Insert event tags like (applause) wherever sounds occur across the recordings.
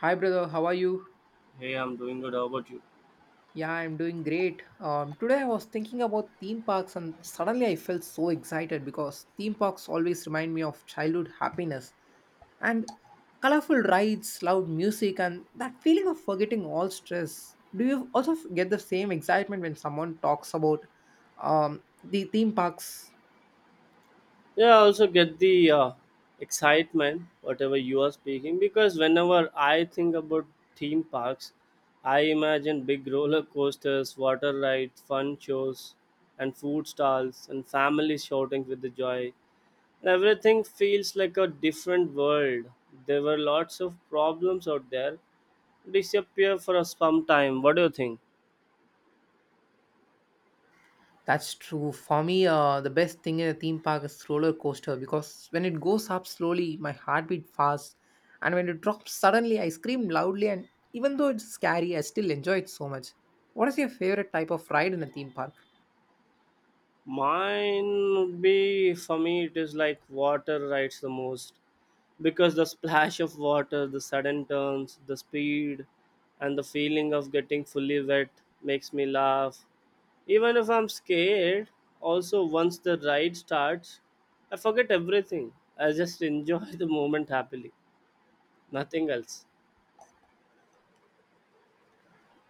Hi, brother. How are you? Hey, I'm doing good. How about you? Yeah, I'm doing great. Today I was thinking about theme parks, and suddenly I felt so excited because theme parks always remind me of childhood happiness and colorful rides, loud music, and that feeling of forgetting all stress. Do you also get the same excitement when someone talks about the theme parks? Yeah, I also get the excitement, whatever you are speaking, because whenever I think about theme parks, I imagine big roller coasters, water rides, fun shows, and food stalls, and families shouting with the joy. And everything feels like a different world. There were lots of problems out there, disappear for a some time. What do you think? That's true. For me, the best thing in a theme park is roller coaster, because when it goes up slowly, my heartbeat fast, and when it drops suddenly, I scream loudly. And even though it's scary, I still enjoy it so much. What is your favorite type of ride in a theme park? Mine would be for me, it is like water rides the most because the splash of water, the sudden turns, the speed, and the feeling of getting fully wet makes me laugh. Even if I'm scared, also once the ride starts, I forget everything. I just enjoy (laughs) the moment happily, nothing else.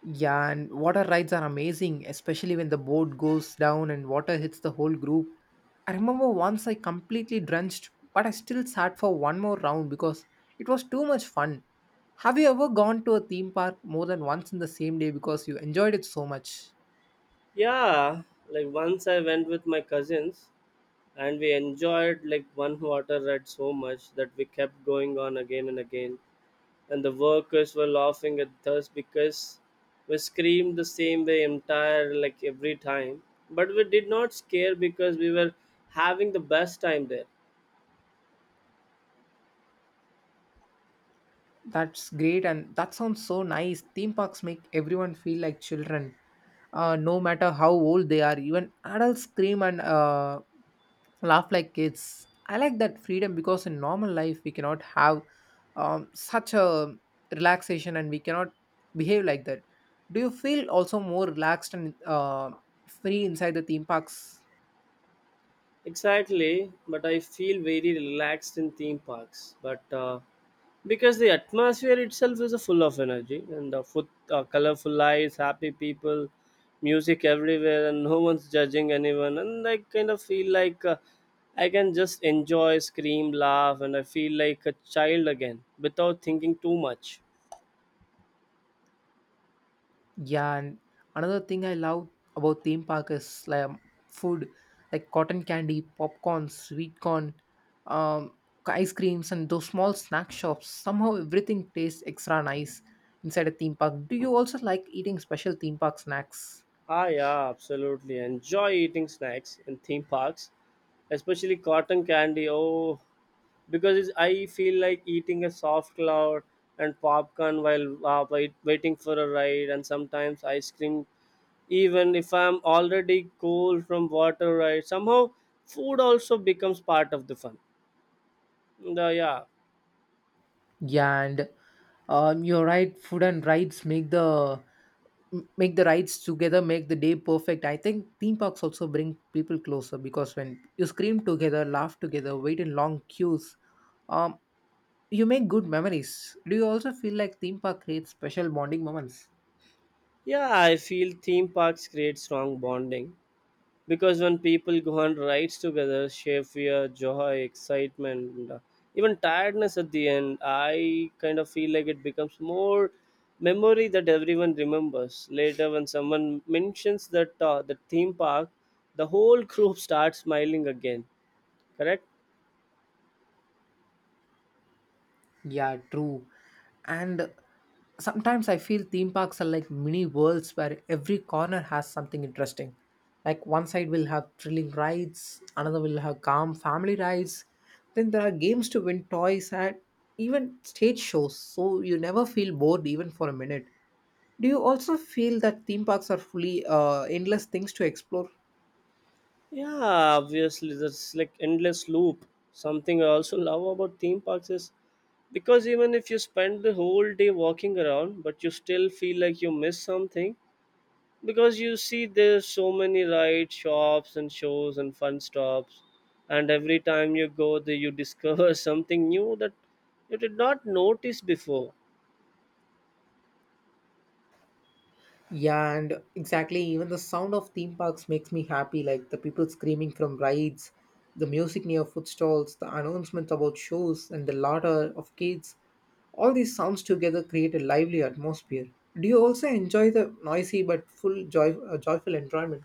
Yeah, and water rides are amazing, especially when the boat goes down and water hits the whole group. I remember once I completely drenched, but I still sat for one more round because it was too much fun. Have you ever gone to a theme park more than once in the same day because you enjoyed it so much? Yeah, like once I went with my cousins and we enjoyed like one water ride so much that we kept going on again and again. And the workers were laughing at us because we screamed the same way entire like every time but we did not scare because we were having the best time there. That's great, and that sounds so nice. Theme parks make everyone feel like children, no matter how old they are. Even adults scream and laugh like kids. I like that freedom because in normal life we cannot have such a relaxation, and we cannot behave like that. Do you feel also more relaxed and free inside the theme parks? Exactly, but I feel very relaxed in theme parks, but because the atmosphere itself is full of energy and the foot colorful lights, happy people, music everywhere, and no one's judging anyone. And I kind of feel like I can just enjoy, scream, laugh, and I feel like a child again without thinking too much. Yeah, and another thing I love about theme park is like food, like cotton candy, popcorn, sweet corn, um, ice creams, and those small snack shops. Somehow everything tastes extra nice inside a theme park. Do you also like eating special theme park snacks? Ah, yeah, absolutely. Enjoy eating snacks in theme parks, especially cotton candy. Oh, because it's, I feel like eating a soft cloud, and popcorn while waiting for a ride, and sometimes ice cream. Even if I'm already cool from water ride, somehow food also becomes part of the fun. And, yeah, Yeah, and you're right. Food and rides make the m- make the rides together make the day perfect. I think theme parks also bring people closer because when you scream together, laugh together, wait in long queues, um, you make good memories. Do you also feel like theme park creates special bonding moments? yeah, I feel theme parks create strong bonding because when people go on rides together, share fear, joy, excitement, and, even tiredness at the end, I kind of feel like it becomes more memory that everyone remembers later. When someone mentions that the theme park, the whole group starts smiling again. Correct. Yeah, true. And sometimes I feel theme parks are like mini worlds where every corner has something interesting. Like one side will have thrilling rides, another will have calm family rides. Then there are games to win toys and even stage shows. So you never feel bored even for a minute. Do you also feel that theme parks are fully endless things to explore? Yeah, obviously there's like endless loop. Something I also love about theme parks is because even if you spend the whole day walking around, but you still feel like you miss something, because you see there's so many ride shops and shows and fun stops. And every time you go there, you discover (laughs) something new that you did not notice before. Yeah, and exactly. Even the sound of theme parks makes me happy, like the people screaming from rides, the music near food stalls, the announcements about shows, and the laughter of kids. All these sounds together create a lively atmosphere. Do you also enjoy the noisy but full joy, joyful enjoyment?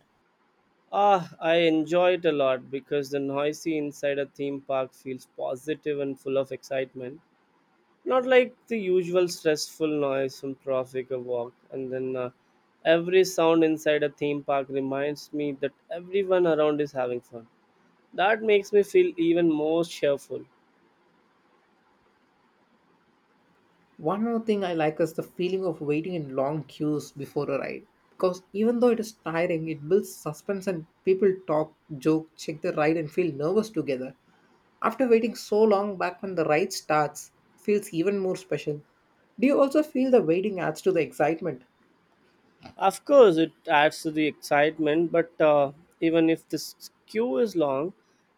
Ah, I enjoy it a lot because the noisy inside a theme park feels positive and full of excitement, not like the usual stressful noise from traffic or walk. And then every sound inside a theme park reminds me that everyone around is having fun. That makes me feel even more cheerful. One more thing I like is the feeling of waiting in long queues before a ride. Because even though it is tiring, it builds suspense and people talk, joke, check the ride, and feel nervous together. After waiting so long back when the ride starts, it feels even more special. Do you also feel the waiting adds to the excitement? Of course, it adds to the excitement, but even if this queue is long,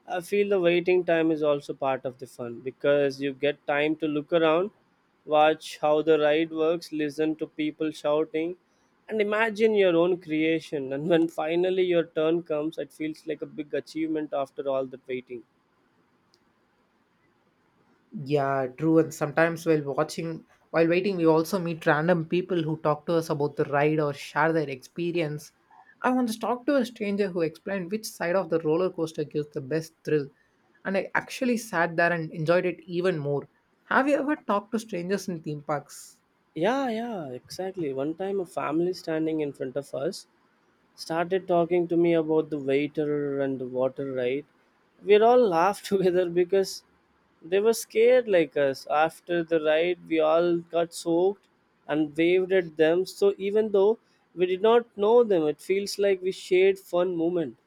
I feel the waiting time is also part of the fun, because you get time to look around, watch how the ride works, listen to people shouting, and imagine your own creation. (laughs) And when finally your turn comes, it feels like a big achievement after all the waiting. Yeah, true. And sometimes while watching, while waiting, we also meet random people who talk to us about the ride or share their experience. I once talked to a stranger who explained which side of the roller coaster gives the best thrill, and I actually sat there and enjoyed it even more. Have you ever talked to strangers in theme parks? Yeah, yeah, exactly. One time a family standing in front of us started talking to me about the waiter and the water right. We all laughed (laughs) together because they were scared like us. After the ride, we all got soaked and waved at them. So even though we did not know them, it feels like we shared fun moment.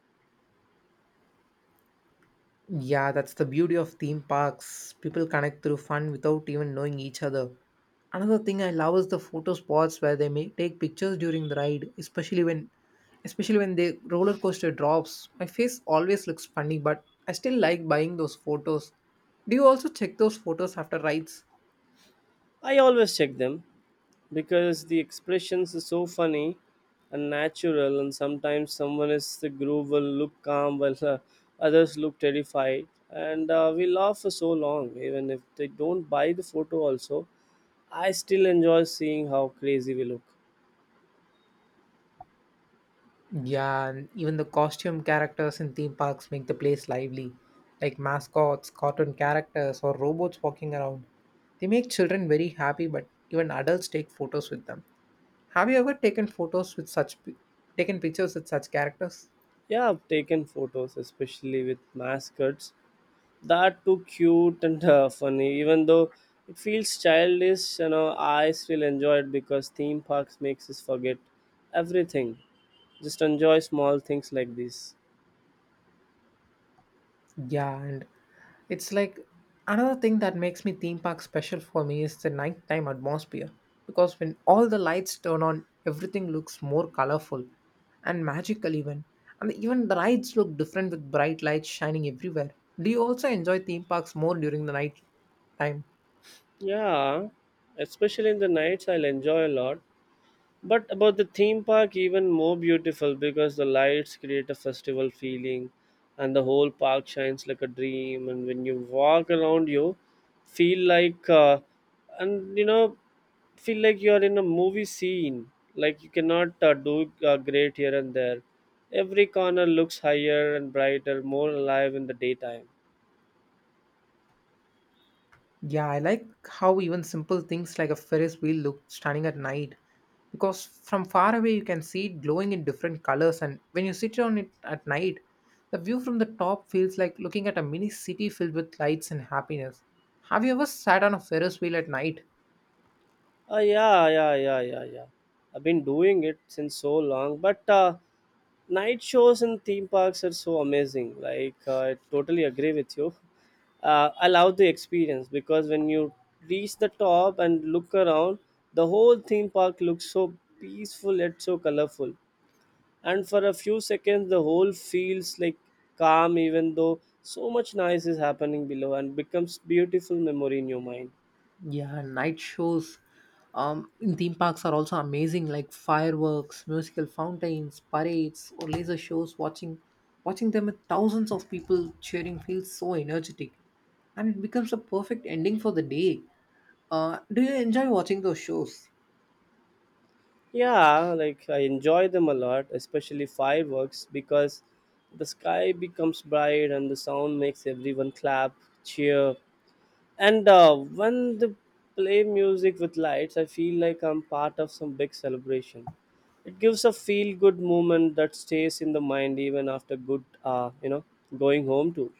Yeah, that's the beauty of theme parks. People connect through fun without even knowing each other. Another thing I love is the photo spots where they may take pictures during the ride, especially when the roller coaster drops. My face always looks funny, but I still like buying those photos. Do you also check those photos after rides? I always check them because the expressions are so funny and natural, and sometimes someone is the groove will look calm while others look terrified, and we laugh for so long. Even if they don't buy the photo, also, I still enjoy seeing how crazy we look. Yeah, and even the costume characters in theme parks make the place lively, like mascots, cartoon characters, or robots walking around. They make children very happy, but even adults take photos with them. Have you ever taken photos with such, taken pictures with such characters? Yeah, I've taken photos, especially with mascots, that too cute and funny. Even though it feels childish, you know, I still enjoy it because theme parks makes us forget everything. Just enjoy small things like this. Yeah, and it's like another thing that makes me theme park special for me is the nighttime atmosphere, because when all the lights turn on, everything looks more colorful and magical even. And even the rides look different with bright lights shining everywhere. Do you also enjoy theme parks more during the night time? Yeah, especially in the nights I'll enjoy a lot. But about the theme park, even more beautiful because the lights create a festival feeling, and the whole park shines like a dream. And when you walk around, you feel like, and you know, feel like you are in a movie scene. Like you cannot do great here and there. Every corner looks higher and brighter, more alive in the daytime. Yeah, I like how even simple things like a Ferris wheel look stunning at night, because from far away you can see it glowing in different colors, and when you sit on it at night the view from the top feels like looking at a mini city filled with lights and happiness. Have you ever sat on a Ferris wheel at night? Yeah, yeah, yeah, yeah, yeah. I've been doing it since so long, but night shows in theme parks are so amazing. Like, I totally agree with you. I love the experience because when you reach the top and look around, the whole theme park looks so peaceful yet so colorful. And for a few seconds, the whole feels like calm, even though so much noise is happening below, and becomes beautiful memory in your mind. Yeah, night shows in theme parks are also amazing, like fireworks, musical fountains, parades, or laser shows. Watching them with thousands of people cheering feels so energetic, and it becomes a perfect ending for the day. Do you enjoy watching those shows? Yeah, like I enjoy them a lot, especially fireworks, because the sky becomes bright and the sound makes everyone clap, cheer. And when they play music with lights, I feel like I'm part of some big celebration. It gives a feel good moment that stays in the mind even after good, going home too.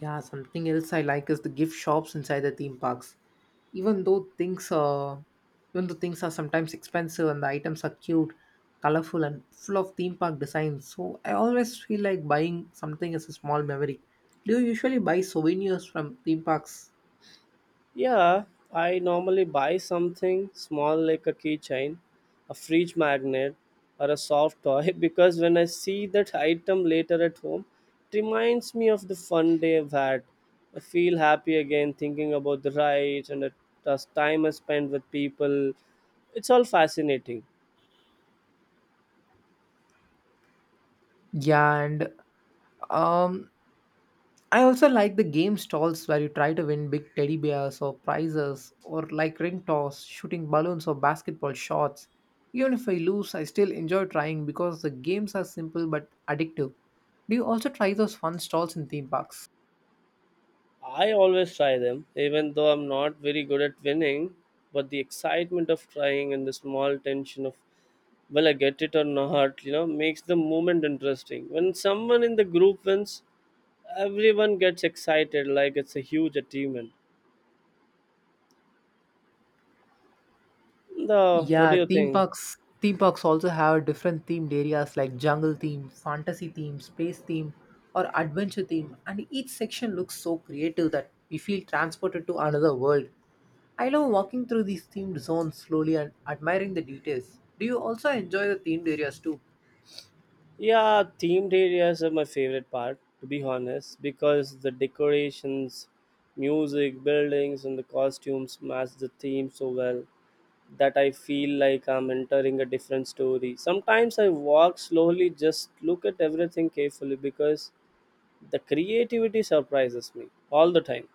Yeah, something else I like is the gift shops inside the theme parks. Even though things are, Even though things are sometimes expensive and the items are cute, colorful, and full of theme park designs, so I always feel like buying something as a small memory. Do you usually buy souvenirs from theme parks? Yeah, I normally buy something small like a keychain, a fridge magnet, or a soft toy (laughs) because when I see that item later at home, it reminds me of the fun day I've had. I feel happy again thinking about the rides and the time I spent with people. It's all fascinating. Yeah, and um, I also like the game stalls where you try to win big teddy bears or prizes, or like ring toss, shooting balloons, or basketball shots. Even if I lose, I still enjoy trying because the games are simple but addictive. Do you also try those fun stalls in theme parks? I always try them, even though I'm not very good at winning, but the excitement of trying and the small tension of well I get it or not, you know, makes the moment interesting. When someone in the group wins, everyone gets excited like it's a huge achievement. The what do you think? Theme parks also have different themed areas like jungle theme, fantasy theme, space theme, or adventure theme, and each section looks so creative that we feel transported to another world. I love walking through these themed zones slowly and admiring the details. Do you also enjoy the themed areas too? Yeah, themed areas are my favorite part, to be honest, because the decorations, music, buildings, and the costumes match the theme so well that I feel like I'm entering a different story. Sometimes I walk slowly, just look at everything carefully because the creativity surprises me all the time.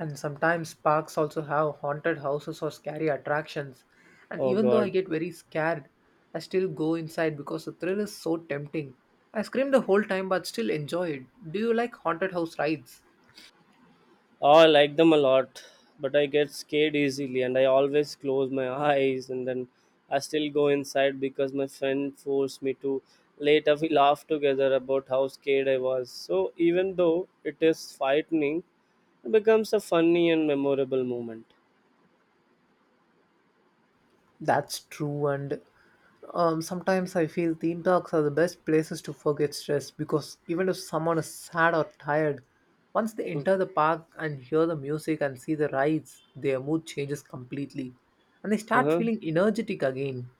And sometimes parks also have haunted houses or scary attractions. And Oh even though I god. get very scared, I still go inside because the thrill is so tempting. I scream the whole time but still enjoy it. Do you like haunted house rides? Oh, I like them a lot, but I get scared easily and I always close my (laughs) eyes. And then I still go inside because my friend forced me to. Later we laughed together about how scared I was. So even though it is frightening, it becomes a funny and memorable moment. That's true, and sometimes I feel theme parks are the best places to forget stress, because even if someone is sad or tired, once they Mm. enter the park and hear the music and see the rides, their mood changes completely and they start Uh-huh. feeling energetic again.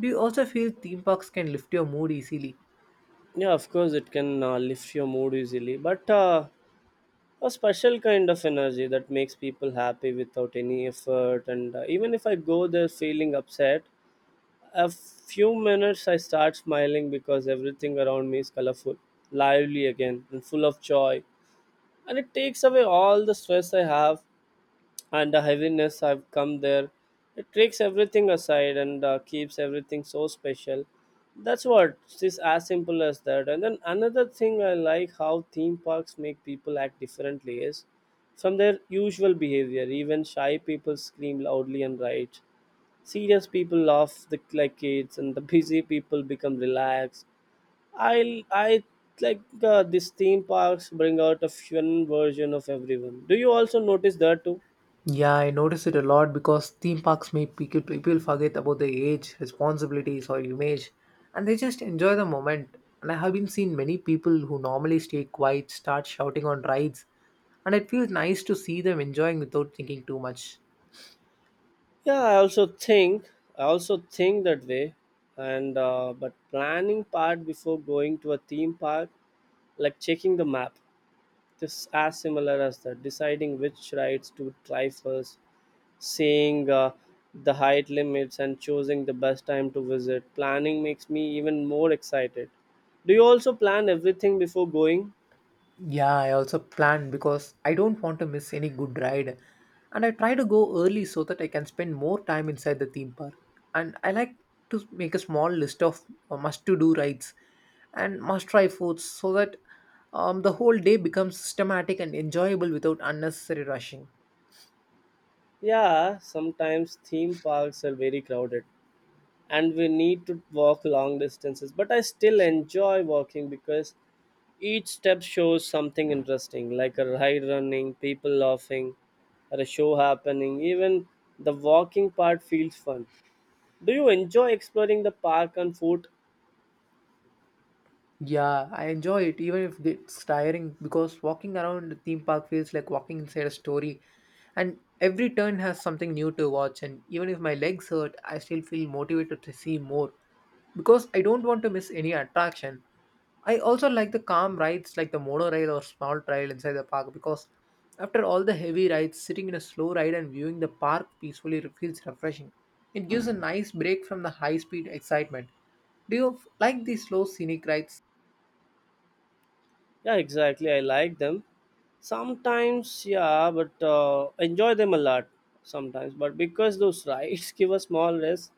Do you also feel theme parks can lift your mood easily? Yeah, of course, it can lift your mood easily. But a special kind of energy that makes people happy without any effort. And even if I go there feeling upset, a few minutes I start smiling because everything around me is colorful, lively again and full of joy. And it takes away all the stress I have and the heaviness I've come there. It takes everything aside and keeps everything so special. That's what it's, just as simple as that. And then another thing I like how theme parks make people act differently is from their usual behavior. Even shy people scream loudly and write. Serious people laugh the, like kids, and the (laughs) busy people become relaxed. I like these theme parks bring out a fun version of everyone. Do you also notice that too? Yeah, I notice it a lot because theme parks make people forget about their age, responsibilities, or image, and they just enjoy the moment. And I have been seen many people who normally stay quiet start shouting on rides, and it feels nice to see them enjoying without thinking too much. Yeah, I also think that way, and but planning part before going to a theme park, like checking the map, this as similar as that. Deciding which rides to try first, seeing the height limits, and choosing the best time to visit. Planning makes me even more excited. Do you also plan everything before going? Yeah, I also planned because I don't want to miss any good ride. And I try to go early so that I can spend more time inside the theme park. And I like to make a small list of must to do rides and must try foods so that the whole day becomes systematic and enjoyable without unnecessary rushing. Yeah, sometimes theme parks are very crowded and we need to walk long distances, but I still enjoy walking because each step shows something interesting like a ride running, people laughing, or a show happening. Even the walking part feels fun. Do you enjoy exploring the park on foot? Yeah, I enjoy it even if it's tiring because walking around the theme park feels like walking inside a story. And every turn has something new to watch, and even if my legs hurt, I still feel motivated to see more because I don't want to miss any attraction. I also like the calm rides like the monorail or small trail inside the park because after all the heavy rides, sitting in a slow ride and viewing the park peacefully feels refreshing. It gives a nice break from the high speed excitement. Do you like these slow scenic rides? Yeah, exactly. I like them. Sometimes, yeah, but enjoy them a lot sometimes. But because those rides (laughs) give a small rest,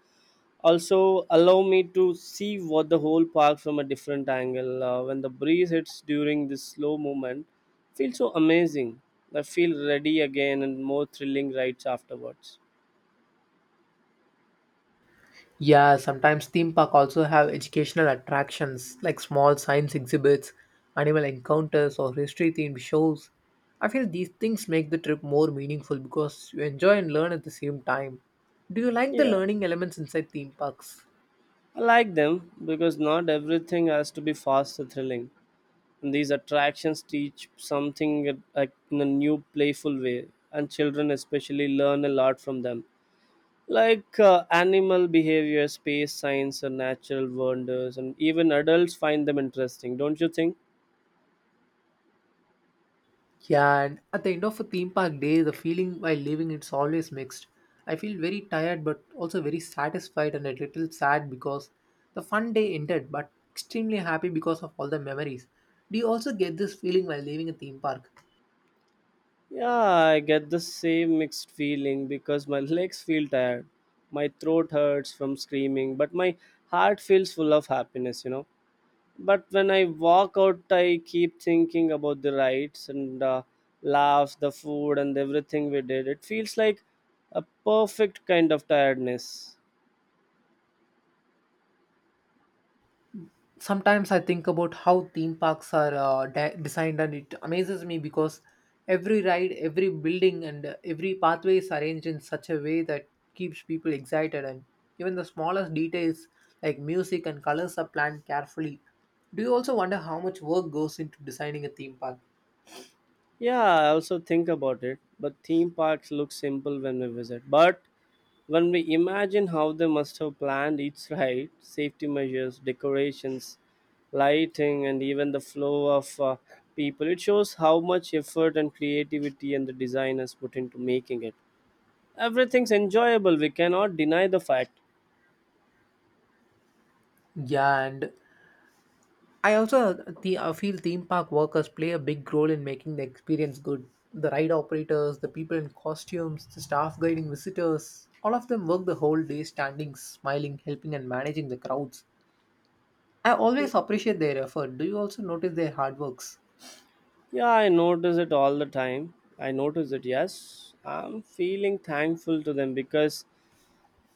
also allow me to see what the whole park from a different angle when the breeze hits during this slow movement feels so amazing. I feel ready again and more thrilling rides afterwards. Yeah, sometimes theme park also have educational attractions like small science exhibits, animal encounters, or history themed shows. I feel these things make the trip more meaningful because you enjoy and learn at the same time. Do you like the Yeah, learning elements inside theme parks? I like them because not everything has to be fast or thrilling, and these attractions teach something, like in a new playful way, and children especially learn a lot from them, like animal behavior, space science, and natural wonders. And even adults find them interesting, don't you think? Yeah, and at the end of a theme park day, the feeling while leaving it's always mixed. I feel very tired but also very satisfied and a little sad because the fun day ended, but extremely happy because of all the memories. Do you also get this feeling while leaving a theme park? Yeah, I get the same mixed feeling because my (laughs) legs feel tired, my throat hurts from screaming, but my heart feels full of happiness. But when I walk out, I keep thinking about the rides and laughs, the food, and everything we did. It feels like a perfect kind of tiredness. Sometimes I think about how theme parks are designed, and it amazes me because every ride, every building, and every pathway is arranged in such a way that keeps people excited, and even the smallest details like music and colors are planned carefully. Do you also wonder how much work goes into designing a theme park? Yeah, I also think about it, but theme parks look simple when we visit. But when we imagine how they must have planned each (laughs) ride, safety measures, decorations, lighting, and even the flow of people, it shows how much effort and creativity and the designers put into making it. Everything's enjoyable, we cannot deny the fact. Yeah, and I also feel theme park workers play a big role in making the experience good. The ride operators, the people in costumes, the staff guiding visitors, all of them work the whole day standing, smiling, helping, and managing the crowds. I always Y- appreciate their effort. Do you also notice their hard works? Yeah, I notice it all the time. I notice it, yes. I'm feeling thankful to them because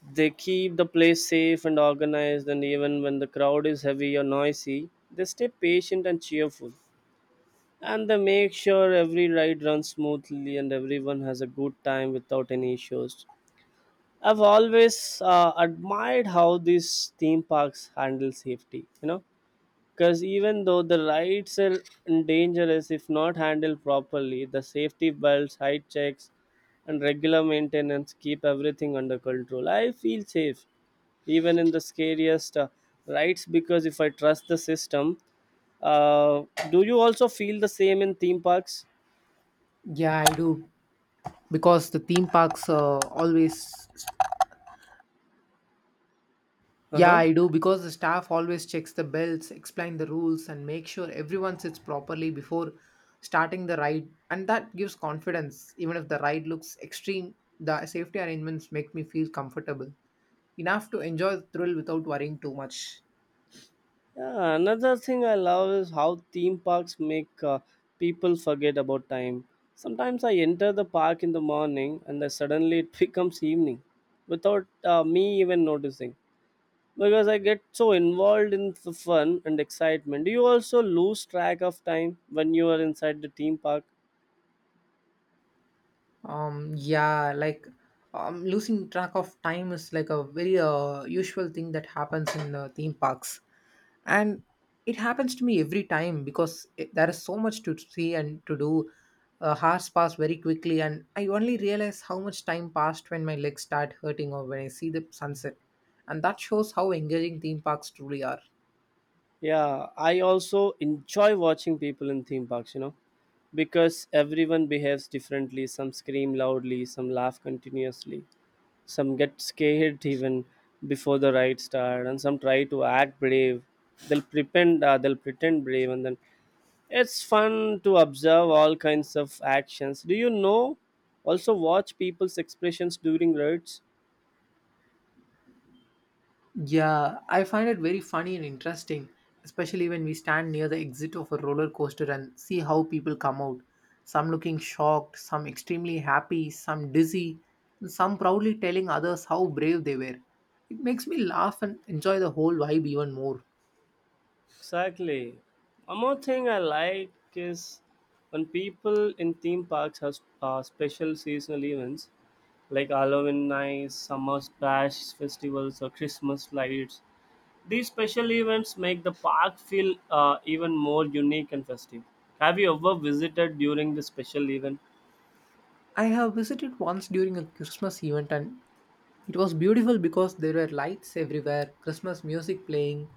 they keep the place safe and organized, and even when the crowd is heavy or noisy, they stay patient and cheerful. And they make sure every ride runs smoothly and everyone has a good time without any issues. I've always admired how these theme parks handle safety, you know, because even though the lights are dangerous if not handled properly, the safety belts, height checks, and regular maintenance keep everything under control. I feel safe even in the scariest rides because if I trust the system uh, do you also feel the same in theme parks? Yeah, I do. Because the theme parks always Yeah, Uh-huh. I do because the staff always checks the bells, explain the rules, and make sure everyone sits properly before starting the ride. And that gives confidence. Even if the ride looks extreme, the safety arrangements make me feel comfortable enough to enjoy the thrill without worrying too much. Yeah, another thing I love is how theme parks make people forget about time. Sometimes I enter the park in the morning and then suddenly it (laughs) becomes evening without me even noticing, because I get so involved in the fun and excitement. Do you also lose track of time when you are inside the theme park? Yeah, like losing track of time is like a very usual thing that happens in theme parks. And it happens to me every time because there is so much to see and to do. Hours pass very quickly, and I only realize how much time passed when my legs start hurting or when I see the sunset, and that shows how engaging theme parks truly are. Yeah, I also enjoy watching people in theme parks, you know, because everyone behaves differently. Some scream loudly, some laugh continuously, some get scared even before the ride start, and some try to act brave. They'll pretend brave, and then it's fun to observe all kinds of actions. Do you know? Also, watch people's expressions during rides. Yeah, I find it very funny and interesting, especially when we stand near the exit of a roller coaster and see how people come out. Some looking shocked, some extremely happy, some dizzy, and some proudly telling others how brave they were. It makes me laugh and enjoy the whole vibe even more. Exactly. One more thing I like is when people in theme parks have special seasonal events like Halloween nights, summer splash festivals, or Christmas lights. These special events make the park feel even more unique and festive. Have you ever visited during the special event? I have visited once during a Christmas event, and it was beautiful because there were lights everywhere, Christmas music playing,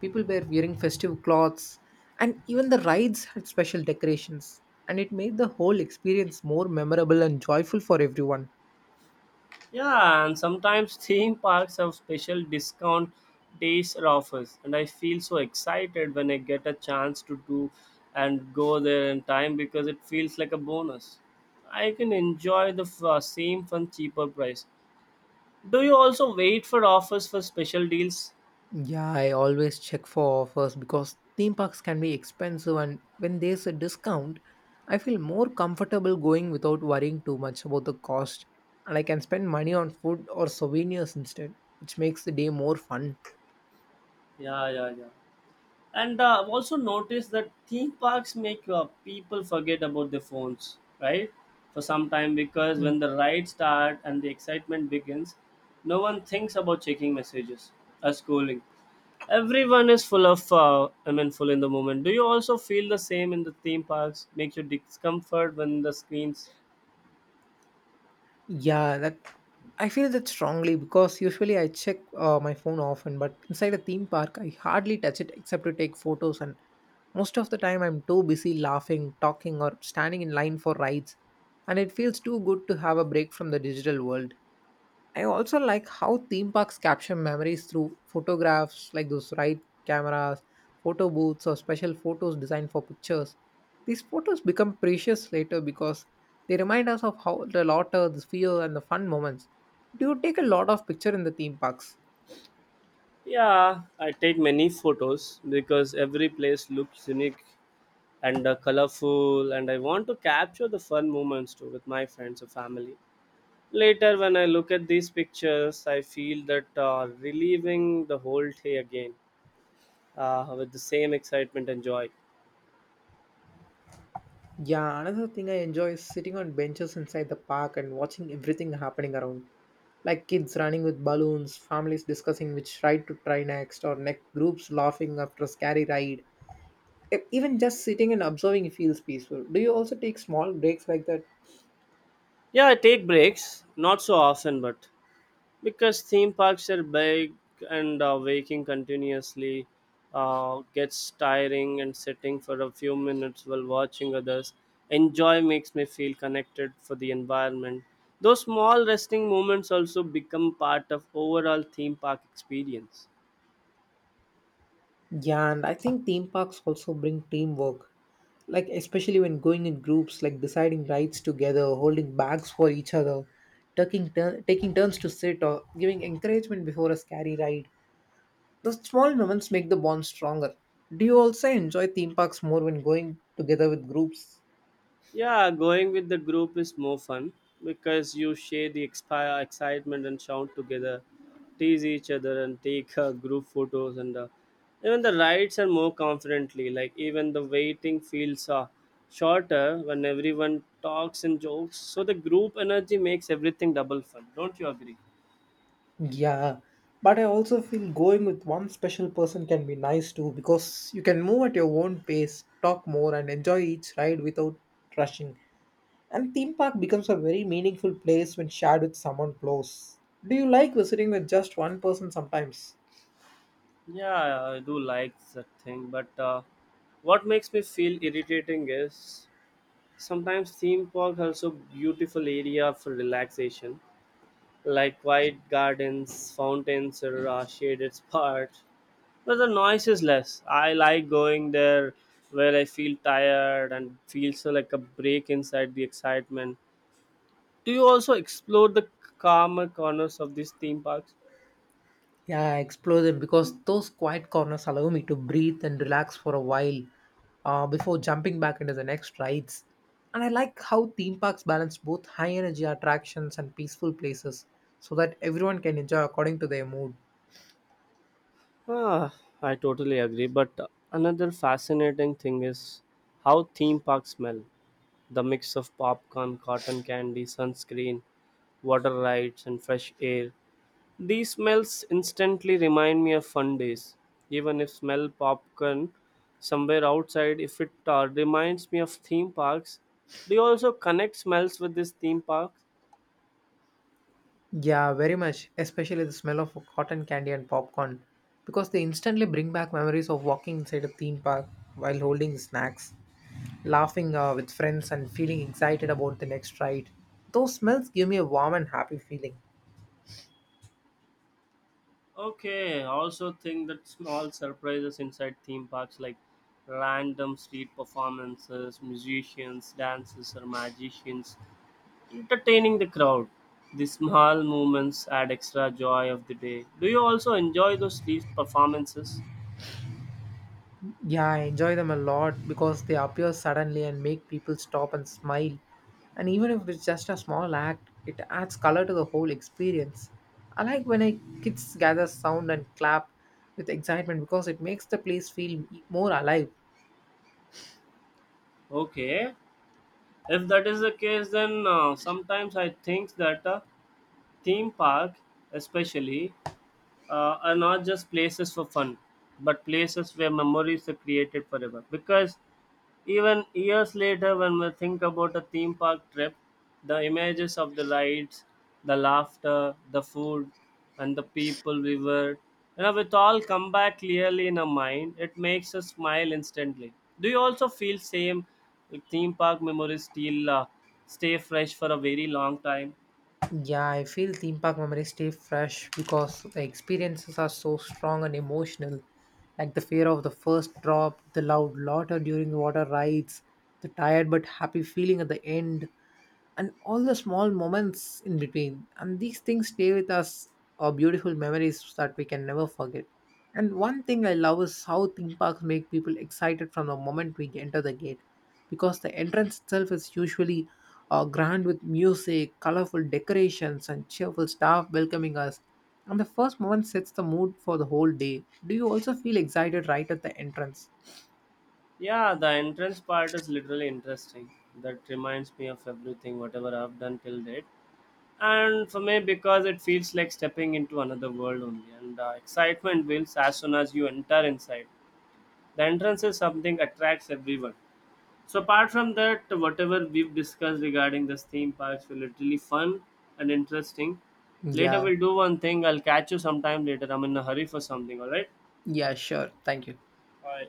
people were wearing festive clothes, and even the rides had special decorations. And it made the whole experience more memorable and joyful for everyone. Yeah, and sometimes (laughs) theme parks have special discount days or offers, and I feel so excited when I get a chance to do and go there in time because it feels like a bonus. I can enjoy the same fun cheaper price. Do you also wait for offers for special deals? Yeah, I always check for offers because theme parks can be expensive, and when there's a discount, I feel more comfortable going without worrying too much about the cost. And I can spend money on food or souvenirs instead, which makes the day more fun. Yeah, yeah, yeah. And I've also noticed that theme parks make people forget about their phones, right? For some time, because Mm. when the ride starts and the excitement begins, no one thinks about checking messages or scrolling. Everyone is full of, full in the moment. Do you also feel the same in the theme parks? Makes you discomfort when the screens. Yeah, that, I feel that strongly because usually I check my phone often, but inside a theme park, I hardly touch it except to take photos. And most of the time, I'm too busy laughing, talking, or standing in line for rides. And it feels too good to have a break from the digital world. I also like how theme parks capture memories through photographs, like those ride cameras, photo booths, or special photos designed for pictures. These photos become precious later because they remind us of how the laughter, the fear, and the fun moments. Do you take a lot of picture in the theme parks? Yeah, I take many photos because every place looks unique and colorful, and I want to capture the fun moments too with my friends or family. Later when I look at these pictures, I feel that reliving the whole day again with the same excitement and joy. Yeah, another thing I enjoy is sitting on benches inside the park and watching everything happening around. Like kids running with balloons, families discussing which ride to try next, or neck groups laughing after a scary ride. Even just sitting and observing feels peaceful. Do you also take small breaks like that? Yeah, I take breaks not so often, but because theme parks are big and waking continuously gets tiring, and sitting for a few minutes while watching others enjoy makes me feel connected for the environment. Those small resting moments also become part of overall theme park experience. Yeah, and I think theme parks also bring teamwork, like especially when going in groups, like deciding rides together, holding bags for each other, taking turns to sit, or giving encouragement before a scary ride. Those small moments make the bond stronger. Do you also enjoy theme parks more when going together with groups? Yeah, going with the group is more fun because you share the excitement and shout together, tease each other, and take group photos. And even the rides are more confidently. Like even the waiting feels shorter when everyone talks and jokes. So the group energy makes everything double fun. Don't you agree? Yeah, but I also feel going with one special person can be nice too, because you can move at your own pace, talk more, and enjoy each ride without rushing. And theme park becomes a very meaningful place when shared with someone close. Do you like visiting with just one person sometimes? Yeah, I do like that thing, but what makes me feel irritating is sometimes theme park has a beautiful area for relaxation like quiet gardens, fountains, or a shaded spot where the noise is less. I like going there where I feel tired and feels like a break inside the excitement. Do you also explore the calmer corners of these theme parks? Yeah, I explore them because those quiet corners allow me to breathe and relax for a while before jumping back into the next rides. And I like how theme parks balance both high energy attractions and peaceful places so that everyone can enjoy according to their mood. Ah, I totally agree. But another fascinating thing is how theme parks smell. The mix of popcorn, cotton candy, sunscreen, water rides, and fresh air. These smells instantly remind me of fun days. Even if smell popcorn somewhere outside, if it reminds me of theme parks. Do you also connect smells with these theme parks? Yeah, very much, especially the smell of cotton candy and popcorn, because they instantly bring back memories of walking inside a theme park while holding snacks, laughing with friends, and feeling excited about the next ride. Those smells give me a warm and happy feeling. Okay, I also think that small surprises inside theme parks like random street performances, musicians, dancers, or magicians entertaining the crowd. These small moments add extra joy of the day. Do you also enjoy those street performances? Yeah, I enjoy them a lot because they appear suddenly and make people stop and smile. And even if it's just a small act, it adds color to the whole experience. I like when I kids gather sound and clap with excitement, because it makes the place feel more alive. Okay, if that is the case, then sometimes I think that a theme park, especially, are not just places for fun, but places where memories are created forever. Because even years later, when we think about a theme park trip, the images of the rides, the laughter, the food, and the people we were, you know, it all come back clearly in our mind. It makes us smile instantly. Do you also feel same? Like theme park memories still stay fresh for a very long time. Yeah, I feel theme park memories stay fresh because the experiences are so strong and emotional. Like the fear of the first drop, the loud laughter during water rides, the tired but happy feeling at the end, and all the small moments in between. And these things stay with us, are beautiful memories that we can never forget. And one thing I love is how theme parks make people excited from the moment we enter the gate, because the entrance itself is usually grand with music, colorful decorations, and cheerful staff welcoming us. And the first moment sets the mood for the whole day. Do you also feel excited right at the entrance? Yeah, the entrance part is literally interesting. That reminds me of everything, whatever I've done till date. And for me, because it feels like stepping into another world only, and the excitement builds as soon as you enter inside. The entrance is something attracts everyone. So apart from that, whatever we've discussed regarding this theme parks were literally fun and interesting. Later Yeah, we'll do one thing. I'll catch you sometime later. I'm in a hurry for something. All right. yeah, sure. Thank you. Bye.